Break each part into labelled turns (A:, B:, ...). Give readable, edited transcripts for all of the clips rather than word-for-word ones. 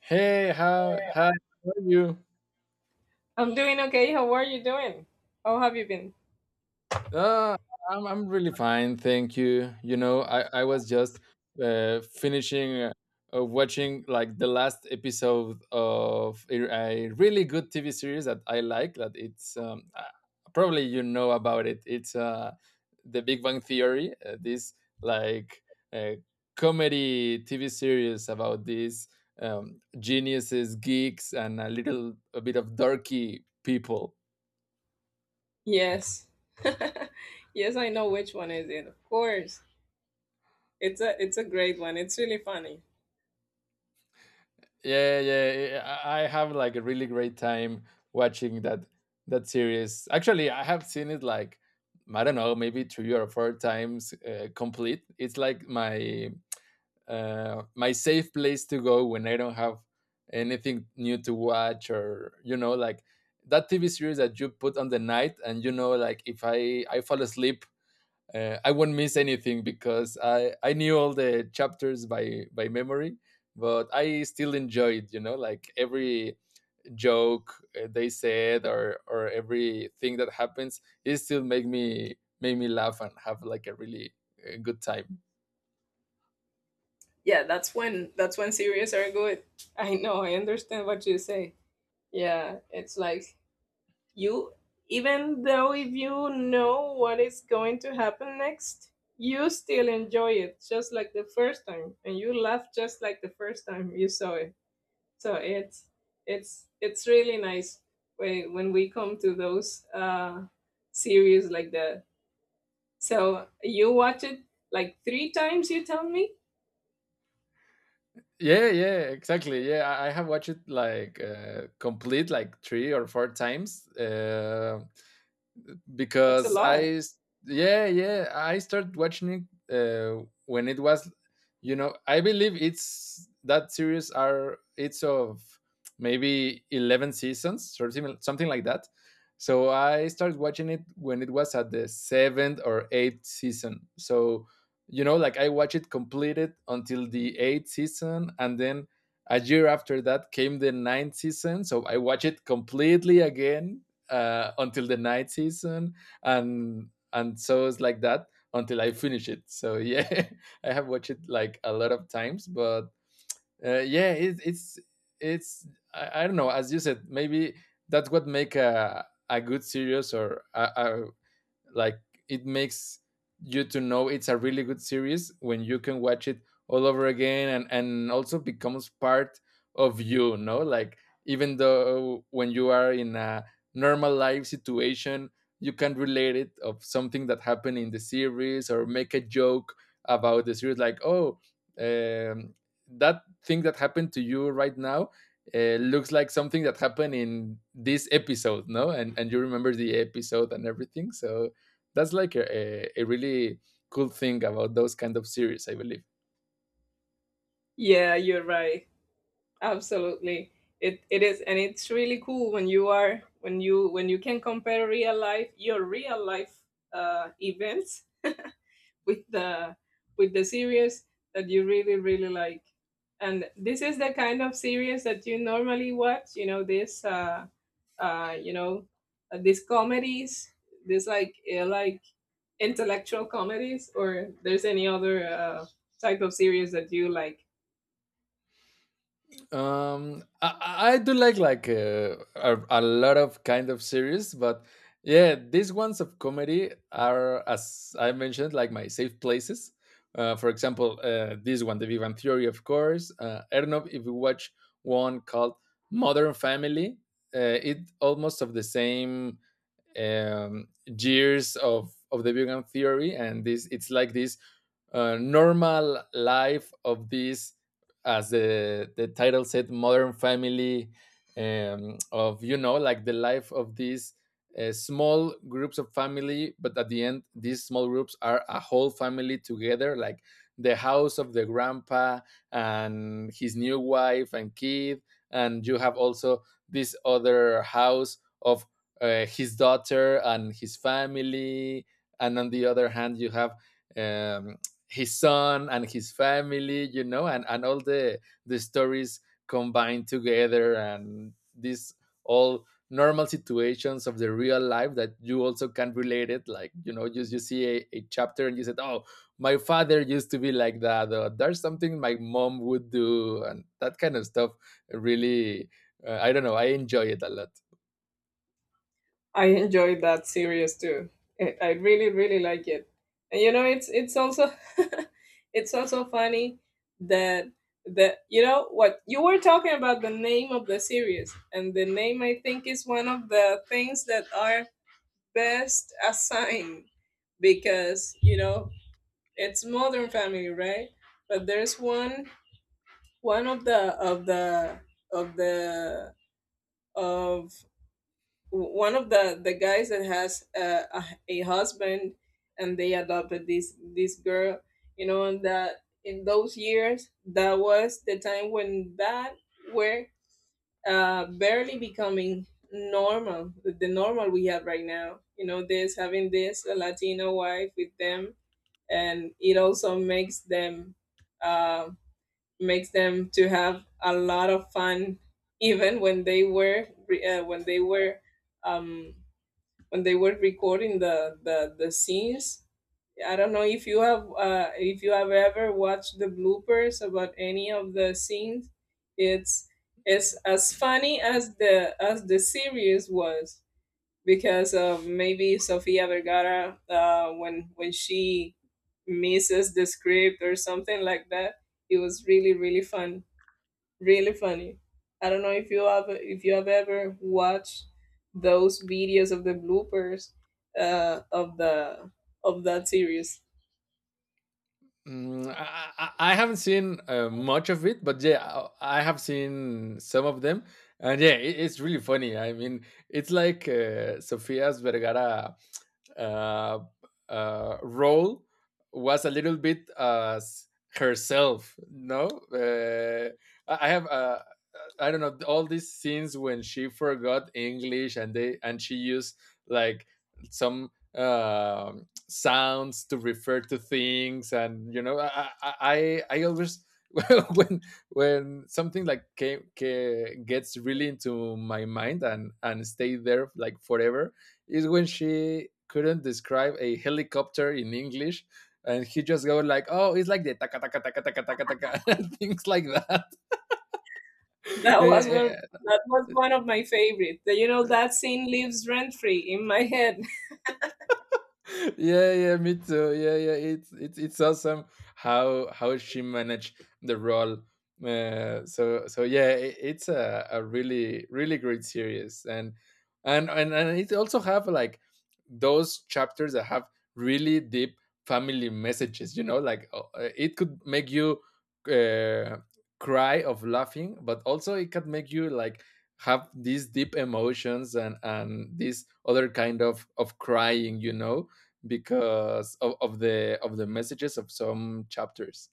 A: Hey, how hi, how are you?
B: I'm doing okay. How are you doing? How have you been?
A: Uh, I'm really fine, thank you. You know, I was just finishing watching like the last episode of a really good TV series that I like. That it's probably you know about it. It's The Big Bang Theory. This like uh, comedy TV series about these geniuses, geeks, and a bit of dorky people.
B: Yes. Yes, I know which one is it. Of course. It's a great one. It's really funny.
A: Yeah, yeah, yeah. Yeah, yeah. I have like a really great time watching that series. Actually, I have seen it like I don't know, maybe three or four times complete. It's like my safe place to go when I don't have anything new to watch, or like that TV series that you put on the night, and like if I fall asleep. I won't miss anything because I knew all the chapters by memory, but I still enjoyed, like every joke they said, or everything that happens, it still make me laugh and have like a really good time.
B: Yeah, that's when series are good. I know. I understand what you say. Yeah, it's like, you even though if you know what is going to happen next, you still enjoy it just like the first time and you laugh just like the first time you saw it. So it's really nice when we come to those series like that. So you watch it like three times, you tell me?
A: Yeah, yeah, exactly. Yeah, I have watched it like complete like three or four times.
B: That's a
A: Because
B: lot.
A: I s- yeah, yeah, I started watching it when it was, I believe it's that series are it's of maybe 11 seasons or something like that. So I started watching it when it was at the 7th or 8th season. So like I watched it completed until the 8th season, and then a year after that came the ninth season, so I watched it completely again until the night season, and so it's like that until I finish it. So yeah, I have watched it like a lot of times, but yeah, it, it's I don't know. As you said, maybe that's what make a good series. Or like, it makes you to know it's a really good series when you can watch it all over again, and also becomes part of you, no, like, even though when you are in a normal life situation, you can relate it of something that happened in the series, or make a joke about the series, like, oh, um, that thing that happened to you right now looks like something that happened in this episode, no, and you remember the episode and everything. So that's like a really cool thing about those kind of series, I believe.
B: Yeah, you're right, absolutely. It is, and it's really cool when you can compare real life your real life events with the series that you really really like. And this is the kind of series that you normally watch, you know, uh you know these comedies, this, like, like intellectual comedies. Or there's any other type of series that you like?
A: I do a lot of kind of series, but yeah, these ones of comedy are, as I mentioned, like my safe places. For example, this one, the Vivan theory, of course. I don't know if you watch one called Modern Family. It almost of the same years of the vegan theory, and this it's like this normal life of this, as the title said, Modern Family, of like the life of these small groups of family. But at the end, these small groups are a whole family together, like the house of the grandpa and his new wife and kid, and you have also this other house of his daughter and his family, and on the other hand you have um, his son and his family, you know, and all the stories combined together, and these all normal situations of the real life that you also can relate it, like, you know, just you see a chapter and you said, oh, my father used to be like that, or there's something my mom would do, and that kind of stuff, really. I don't know, I enjoy it a lot.
B: I enjoyed that series too. I really really like it. And you know, it's also it's also funny that you know what you were talking about. The name of the series, and the name, I think, is one of the things that are best assigned, because you know, it's Modern Family, right? But there's one of the of one of the guys that has a husband, and they adopted this girl, you know, and that in those years that was the time when that were barely becoming normal, the normal we have right now, you know, this having this a latino wife with them. And it also uh, makes them to have a lot of fun, even when they were um, when they were recording the, the scenes. I don't know if you have, ever watched the bloopers about any of the scenes. It's it's as funny as the series was, because of maybe Sofia Vergara, when she misses the script or something like that. It was really really fun, really funny. I don't know if you have ever watched those videos of the bloopers uh, of the of that series.
A: Mm, I, I haven't seen much of it, but yeah, I have seen some of them, and yeah, it's really funny. I mean, it's like Sofia's Vergara uh, role was a little bit as herself. No. uh, I I have uh, I don't know, all these scenes when she forgot English and she used like some sounds to refer to things, and I always. when when something like came, ca gets really into my mind and stay there like forever, is when she couldn't describe a helicopter in English, and he just go like, oh, it's like the taka taka taka taka taka taka and things like that.
B: That was
A: Eh,
B: one
A: eh,
B: that was one of my favorites. You know that scene lives rent free in my head.
A: yeah, yeah, me too. Yeah, yeah, it's awesome how she managed the role. So yeah, it's a really really great series, and it also have like those chapters that have really deep family messages. You know, like, it could make you uh, cry of laughing, but also it can make you like have these deep emotions, and this other kind of crying, you know, because of the messages of some chapters.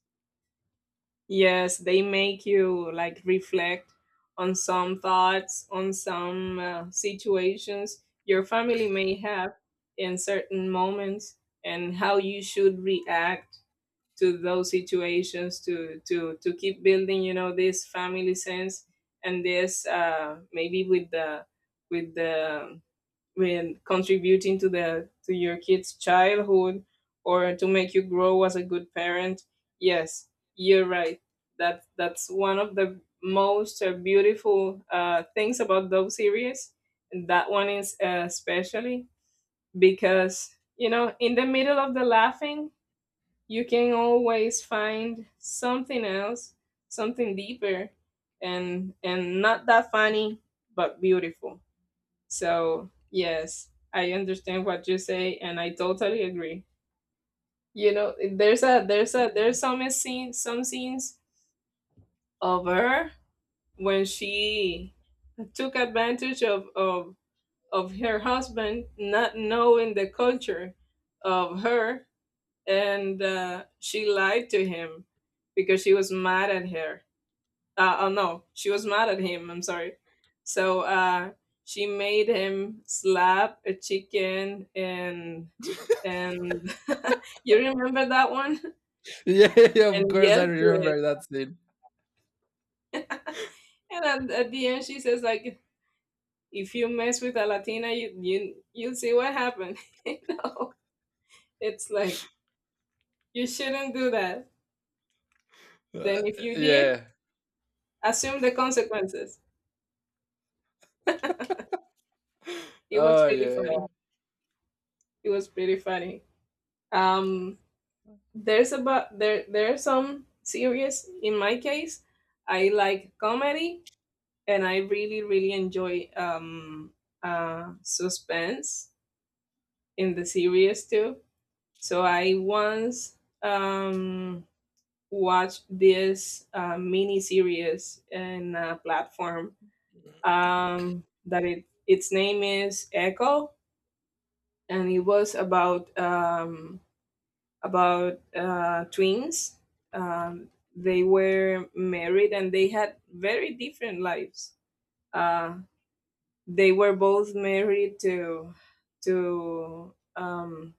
B: Yes, they make you like reflect on some thoughts, on some situations your family may have in certain moments, and how you should react to those situations to keep building you know this family sense. And this, maybe with the when contributing to the to your kids childhood, or to make you grow as a good parent. Yes, you're right. That's one of the most beautiful things about those series, and that one is especially, because you know in the middle of the laughing you can always find something else, something deeper, and not that funny, but beautiful. So yes, I understand what you say, and I totally agree. You know, there's some scene some scenes of her, when she took advantage of her husband not knowing the culture of her. And she lied to him because she was mad at her. Oh no, she was mad at him, I'm sorry. So she made him slap a chicken, and you remember that one,
A: Yeah, yeah, of
B: and
A: course I
B: yell to it.
A: remember that scene.
B: And at the end she says like, "If you mess with a Latina, you'll see what happened." you know, it's like, you shouldn't do that.
A: Uh,
B: Then if you did,
A: yeah.
B: assume the consequences. It was
A: Oh,
B: really funny.
A: yeah.
B: It was pretty funny. Um, there are some series. In my case, I like comedy, and I really really enjoy suspense in the series too. So I once watched this mini series in a platform, that it its name is Echo, and it was about twins. Um, they were married and they had very different lives. Uh, they were both married to. to um,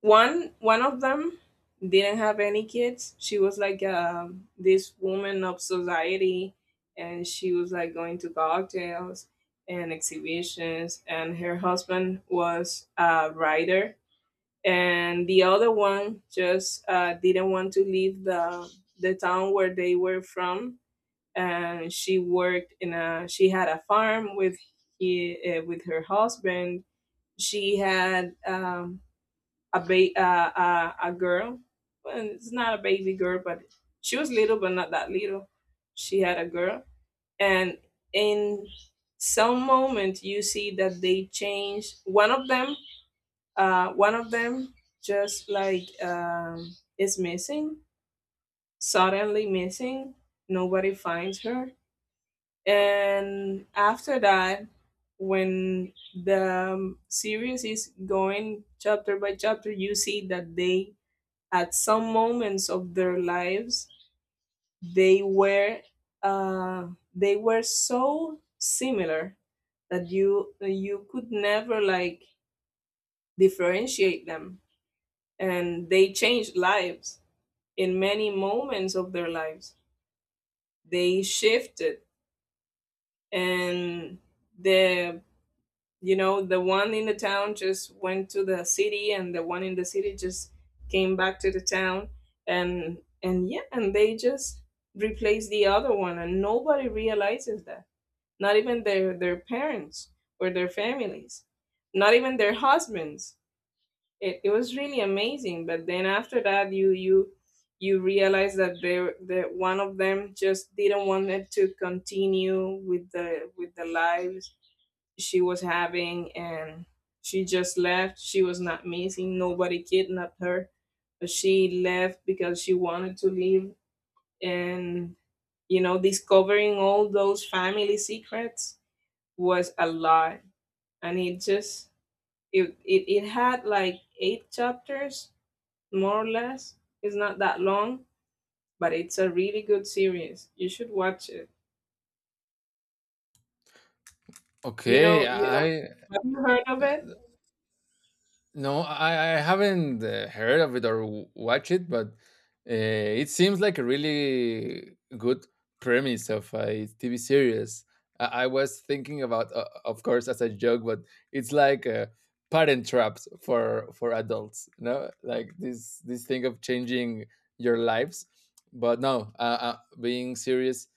B: one of them didn't have any kids. She was like, this woman of society, and she was like going to cocktails and exhibitions. And her husband was a writer. And the other one just didn't want to leave the town where they were from. And she worked in a she had a farm with, he with her husband. She had, a girl. Well, it's not a baby girl, but she was little, but not that little. She had a girl. And in some moment you see that they changed one of them. One of them just like, is missing, suddenly missing. Nobody finds her. And after that, when the, series is going chapter by chapter, you see that they, at some moments of their lives, they were uh, they were so similar that you could never like differentiate them. And they changed lives in many moments of their lives. They shifted, and the you know the one in the town just went to the city, and the one in the city just came back to the town. And yeah, and they just replaced the other one, and nobody realizes that, not even their parents, or their families, not even their husbands. It was really amazing. But then after that, you realize that there that one of them just didn't want it to continue with the lives she was having. And she just left. She was not missing, nobody kidnapped her, but she left because she wanted to leave. And you know discovering all those family secrets was a lot. And it just it it, it had like eight chapters, more or less. It's not that long, but it's a really good series. You should watch it.
A: Okay.
B: You know,
A: I
B: have you heard of it?
A: No, I haven't heard of it or watched it, but it seems like a really good premise of a TV series. I was thinking about, of course, as a joke, but it's like parent traps for adults. No, like this thing of changing your lives. But no, being serious.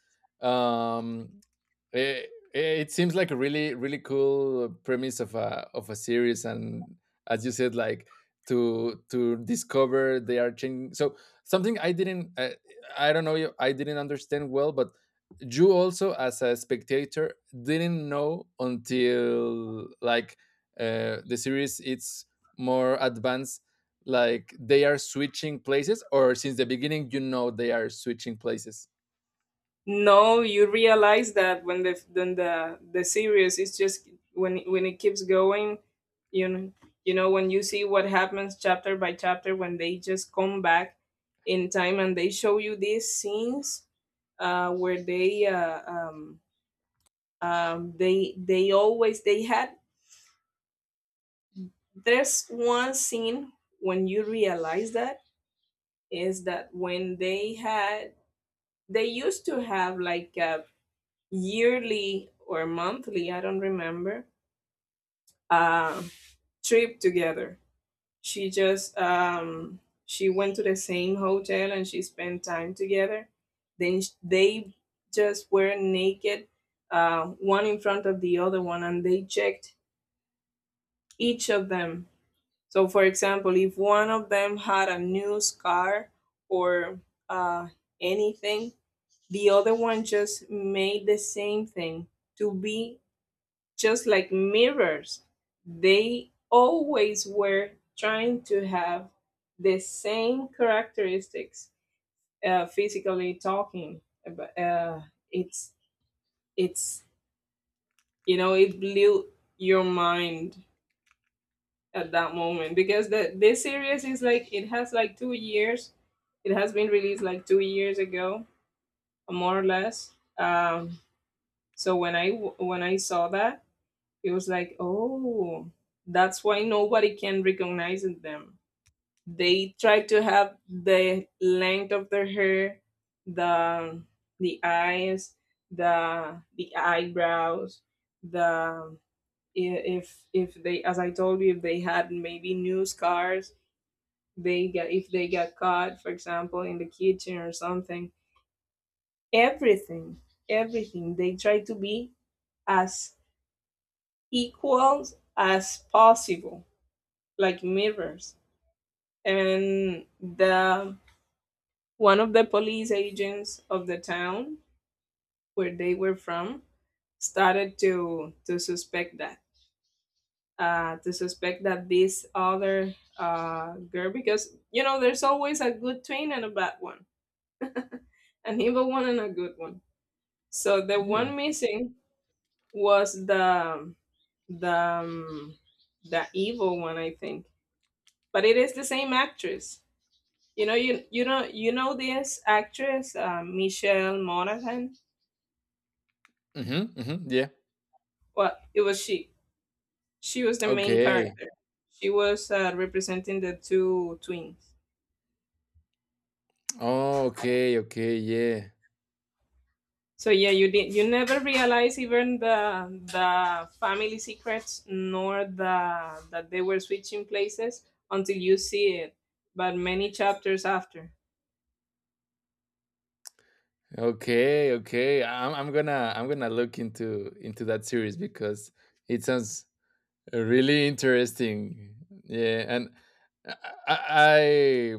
A: Um, Eh, it seems like a really really cool premise of a series, and, as you said, like to discover they are changing. So something I don't know if I didn't understand well, but you also as a spectator didn't know until, like, the series it's more advanced, like they are switching places, or since the beginning you know they are switching places.
B: No, you realize that when the, then the series is just, when it keeps going. You know, when you see what happens chapter by chapter, when they just come back in time and they show you these scenes, where they, they always they had there's one scene when you realize that, is that when they used to have like a yearly or monthly, I don't remember, uh, trip together. She just um, she went to the same hotel and she spent time together. Then they just were naked, one in front of the other one, and they checked each of them. So, for example, if one of them had a new scar, or uh, anything, the other one just made the same thing, to be just like mirrors. They always were trying to have the same characteristics, physically talking. But, it's it's it blew your mind at that moment. Because the this series is like, it has like 2 years. It has been released like 2 years ago, more or less. So when when I saw that, it was like, oh, that's why nobody can recognize them. They try to have the length of their hair, the, eyes, the, eyebrows, the, i- if they, as I told you, if they had maybe new scars, they get if they get caught, for example, in the kitchen or something, everything everything they try to be as equal as possible, like mirrors. And the, one of the police agents of the town where they were from, started to suspect that this other girl, because you know, there's always a good twin and a bad one, an evil one and a good one. So the
A: Yeah.
B: one missing was the um, the evil one, I think. But it is the same actress. You know, you know this actress, Michelle Monaghan.
A: Mhm, mhm, yeah.
B: Well, it was she. She was the main
A: Okay.
B: character. She was representing the two twins.
A: Oh, okay, okay, yeah.
B: So yeah, you did. You never realize, even the family secrets, nor the that they were switching places, until you see it, but many chapters after.
A: Okay, okay. I'm gonna look into that series because it sounds really interesting. Yeah, and i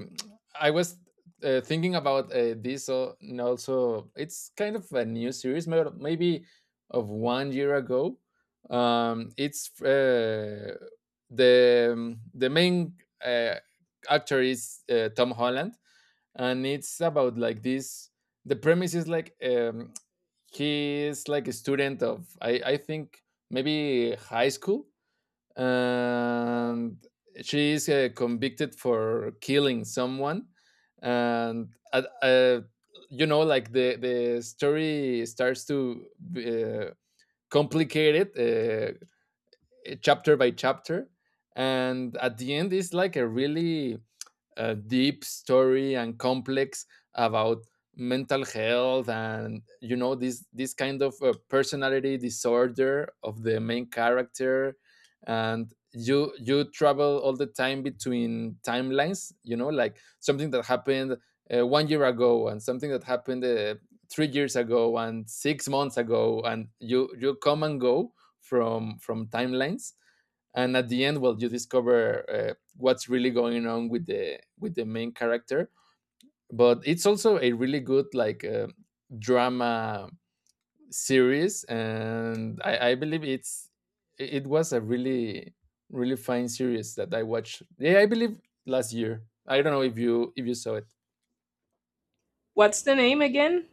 A: i, I was thinking about this, and also, it's kind of a new series, maybe of one year ago. It's the main uh, actor is Tom Holland, and it's about, like, this. The premise is like, he is like a student of, I think, maybe high school, and she is convicted for killing someone, and you know, like the story starts to uh, complicate it chapter by chapter, and at the end it's like a really deep story, and complex about mental health, and you know this kind of personality disorder of the main character, and you travel all the time between timelines, you know, like something that happened one year ago, and something that happened 3 years ago, and 6 months ago, and you come and go from timelines, and at the end, well, you discover what's really going on with the main character, but it's also a really good, like, drama series, and I believe it was a really really fine series that I watched, yeah, I believe, last year. I don't know if you saw it.
B: What's the name again?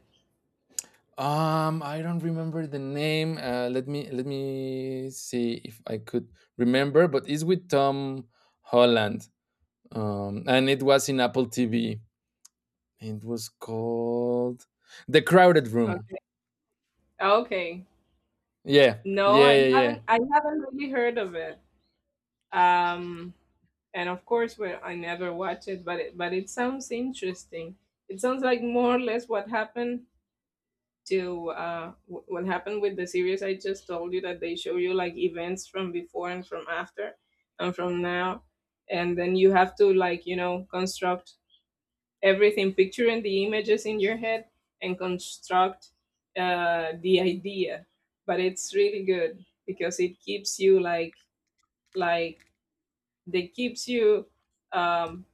A: I don't remember the name. Let me, see if I could remember, but it's with Tom Holland. And it was in Apple TV. It was called The Crowded Room.
B: Okay. Okay.
A: Yeah,
B: No,
A: yeah, yeah, yeah.
B: I haven't really heard of it. Um and of course, well, I never watch it, but it but it sounds interesting. It sounds like more or less what happened to what happened with the series I just told you that they show you like events from before and from after and from now, and then you have to, like, construct everything, picturing the images in your head and construct the idea. But it's really good because it keeps you like they keeps you um,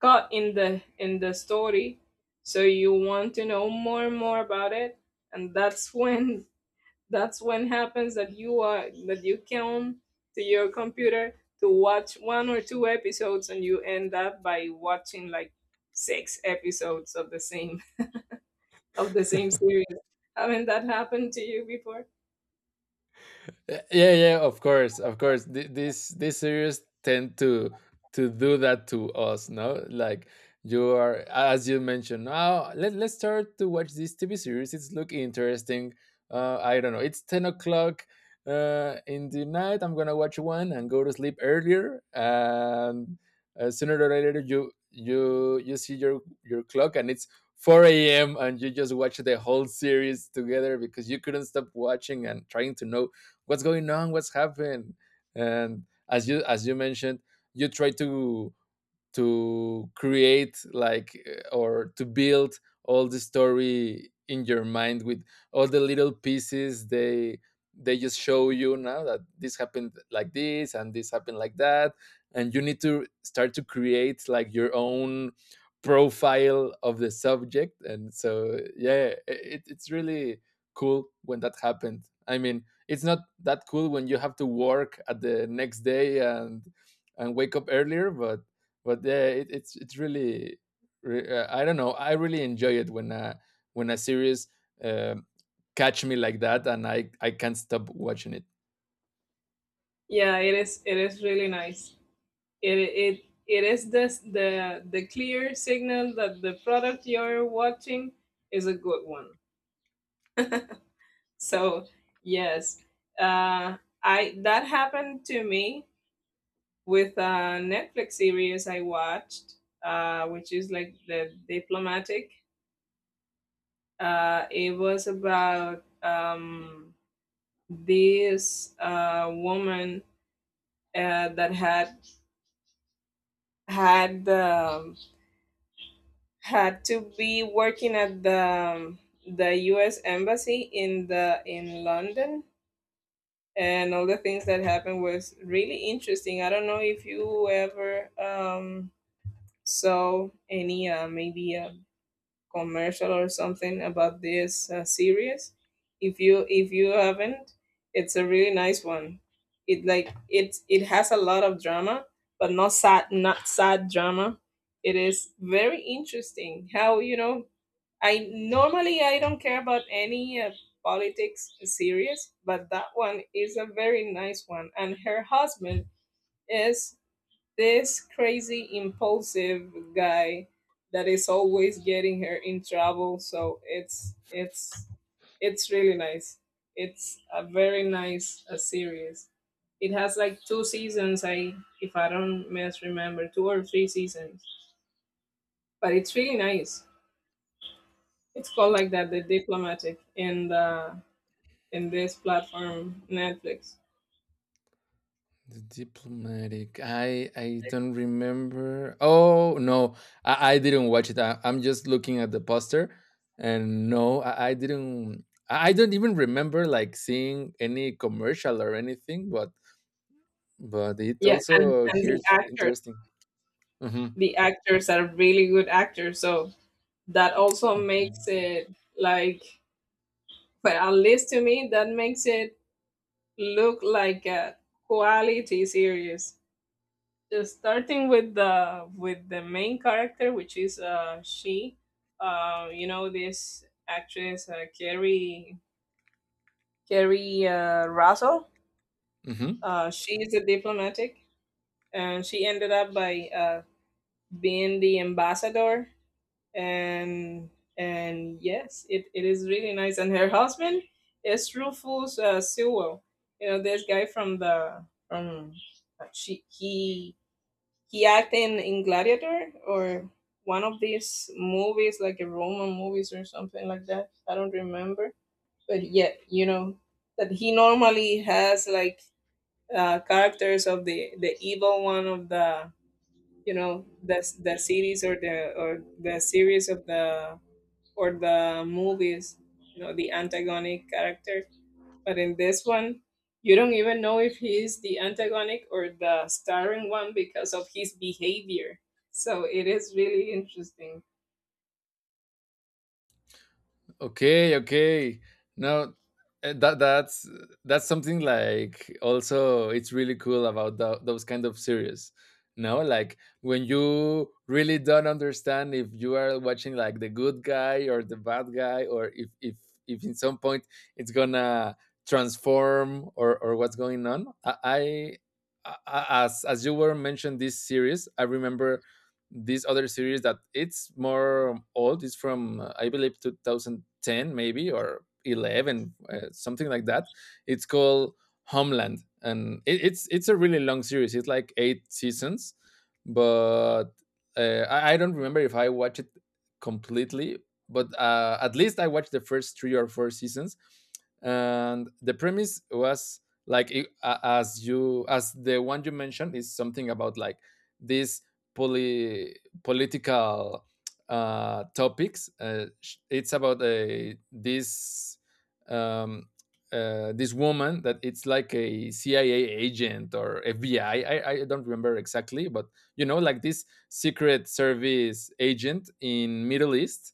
B: caught in the story, so you want to know more and more about it, and that's when that's when happens that you are that you come to your computer to watch one or two episodes, and you end up by watching like six episodes of the same series. I mean, that happened to you before?
A: Yeah, yeah, of course, this series tend to do that to us, no, like, you are, as you mentioned, now, let's start to watch this TV series, it's look interesting. I don't know, it's 10 o'clock in the night, I'm gonna watch one and go to sleep earlier, and sooner or later you see your clock, and it's 4 a.m., and you just watch the whole series together because you couldn't stop watching and trying to know what's going on, what's happened, and, as you mentioned, you try to create, like, or to build all the story in your mind with all the little pieces they just show you now, that this happened like this and this happened like that, and you need to start to create like your own profile of the subject. And so, yeah, it's really cool when that happened. I mean, it's not that cool when you have to work at the next day and wake up earlier, but yeah, it's really, I don't know. I really enjoy it when a series um catch me like that, and I can't stop watching it.
B: Yeah, it is. It is really nice. It is this the clear signal that the product you're watching is a good one. So yes, uh, I that happened to me with a Netflix series I watched, which is like The Diplomatic. It was about this woman that had had um, had to be working at the U.S. embassy in the in London, and all the things that happened was really interesting. I don't know if you ever saw any maybe commercial or something about this series. If you haven't, it's a really nice one. It, like, it has a lot of drama, but not sad drama. It is very interesting, how you know. I normally, I don't care about any politics series, but that one is a very nice one, and her husband is this crazy impulsive guy that is always getting her in trouble, so it's really nice. It's a very nice a series. It has like two seasons. I If I don't misremember, two or three seasons, but it's really nice. It's called like that, The Diplomatic, in the in this platform, Netflix.
A: The diplomatic. I don't remember. Oh no, I didn't watch it. I'm just looking at the poster, and no, I didn't. I don't even remember like seeing any commercial or anything. But it
B: Yeah, and
A: also
B: and the
A: here's
B: actors
A: interesting. Mm-hmm.
B: the actors are really good actors, so that also makes
A: Okay.
B: it like, well, at least to me, that makes it look like a quality series, just starting with the main character, which is she you know this actress, Carrie Russell.
A: Mm-hmm.
B: Uh, she is a diplomatic, and she ended up by being the ambassador. And yes, it is really nice. And her husband is Rufus Sewell. You know this guy from the from uh, she, he he acted in Gladiator, or one of these movies, like a Roman movies or something like that. I don't remember, but yet, you know that he normally has like characters of the evil one, of the series, or the series of the or the movies, the antagonistic character. But in this one, you don't even know if he is the antagonistic or the starring one because of his behavior. So it is really interesting.
A: Okay, okay. No, that's that's something like also it's really cool about those kind of series. No, like when you really don't understand if you are watching like the good guy or the bad guy, or if in some point it's gonna transform or what's going on. I as you were mentioned this series, I remember this other series that it's more old. It's from I believe 2010 maybe or 11 something like that. It's called Homeland, and it's it's a really long series. It's like eight seasons, but I don't remember if I watched it completely. But at least I watched the first three or four seasons, and the premise was like as you as the one you mentioned is something about like this poly, political topics. It's about this um, this woman that it's like a CIA agent or FBI. I don't remember exactly, but you know, like this secret service agent in Middle East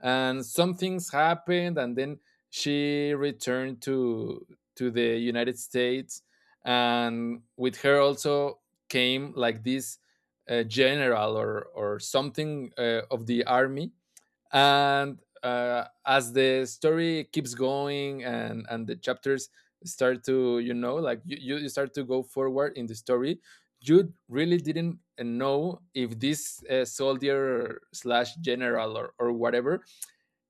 A: and some things happened and then she returned to the United States, and with her also came like this general or something of the army. And as the story keeps going and the chapters start to, you know, like you start to go forward in the story, you really didn't know if this soldier slash general or whatever,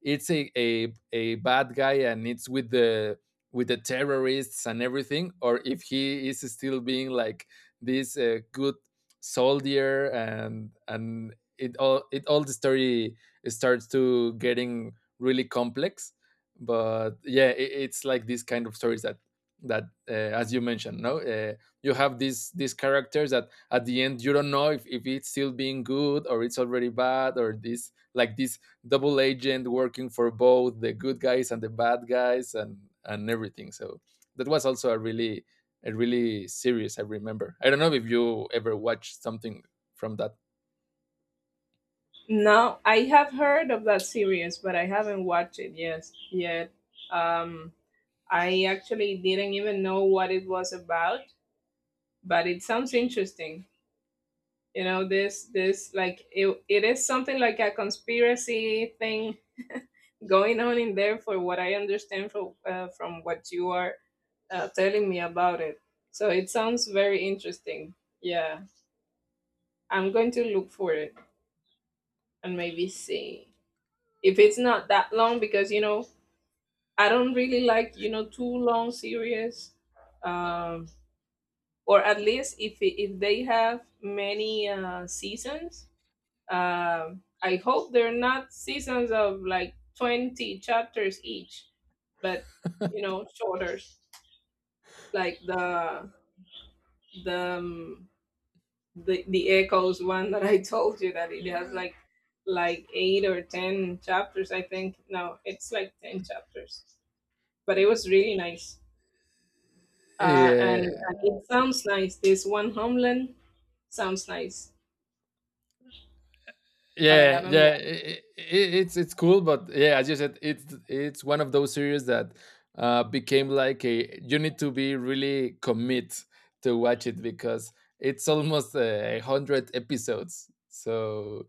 A: it's a bad guy and it's with the terrorists and everything, or if he is still being like this good soldier. And it all the story starts to getting really complex. But yeah, it's like this kind of stories that that uh, as you mentioned, no, you have these characters that at the end you don't know if it's still being good or it's already bad, or this like this double agent working for both the good guys and the bad guys and everything. So that was also a really series I remember. I don't know if you ever watched something from that.
B: Now, I have heard of that series, but I haven't watched it yet. Um, I actually didn't even know what it was about, but it sounds interesting. You know, this like it is something like a conspiracy thing going on in there, for what I understand from what you are telling me about it. So it sounds very interesting. Yeah, I'm going to look for it and maybe see if it's not that long, because I don't really like too long series, um, or at least if they have many seasons. I hope they're not seasons of like 20 chapters each, but shorter, like the um, the echoes one that I told you that it has like 8 or 10 chapters, I think. No, it's like 10 chapters, but it was really nice, and
A: Yeah,
B: it sounds nice. This one, Homeland, sounds nice, but I
A: yeah,
B: haven't
A: yeah.
B: watched.
A: It's cool, but yeah, as you said, it's one of those series that became like a. You need to be really commit to watch it because it's almost a hundred episodes. So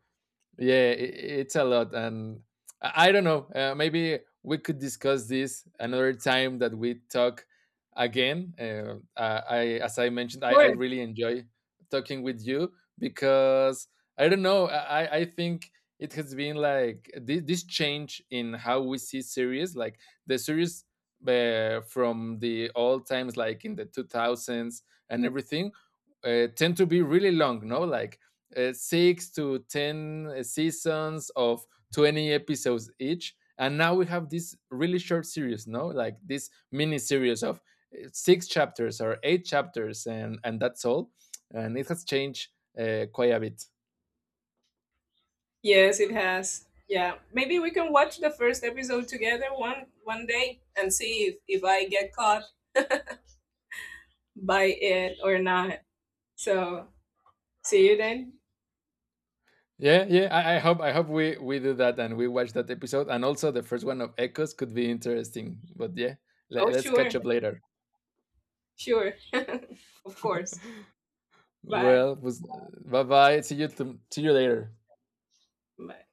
A: yeah, it's a lot, and I don't know. Maybe we could discuss this another time that we talk again. As I mentioned, I
B: Sure.
A: really enjoy talking with you because I don't know. I think it has been like this change in how we see series, like the series from the old times, like in the two thousands and everything, tend to be really long. No, like six to ten seasons of 20 episodes each. And now we have this really short series, no, like this mini series of six chapters or eight chapters, and that's all. And it has changed quite a bit.
B: Yes, it has. Yeah, maybe we can watch the first episode together one day, and see if I get caught by it or not, so see you then.
A: Yeah, yeah. I I hope we do that and we watch that episode, and also the first one of Echoes could be interesting. But yeah,
B: Oh,
A: let's
B: sure.
A: catch up later.
B: Sure. Of course. Bye.
A: Well, bye bye. See you see you later.
B: Bye.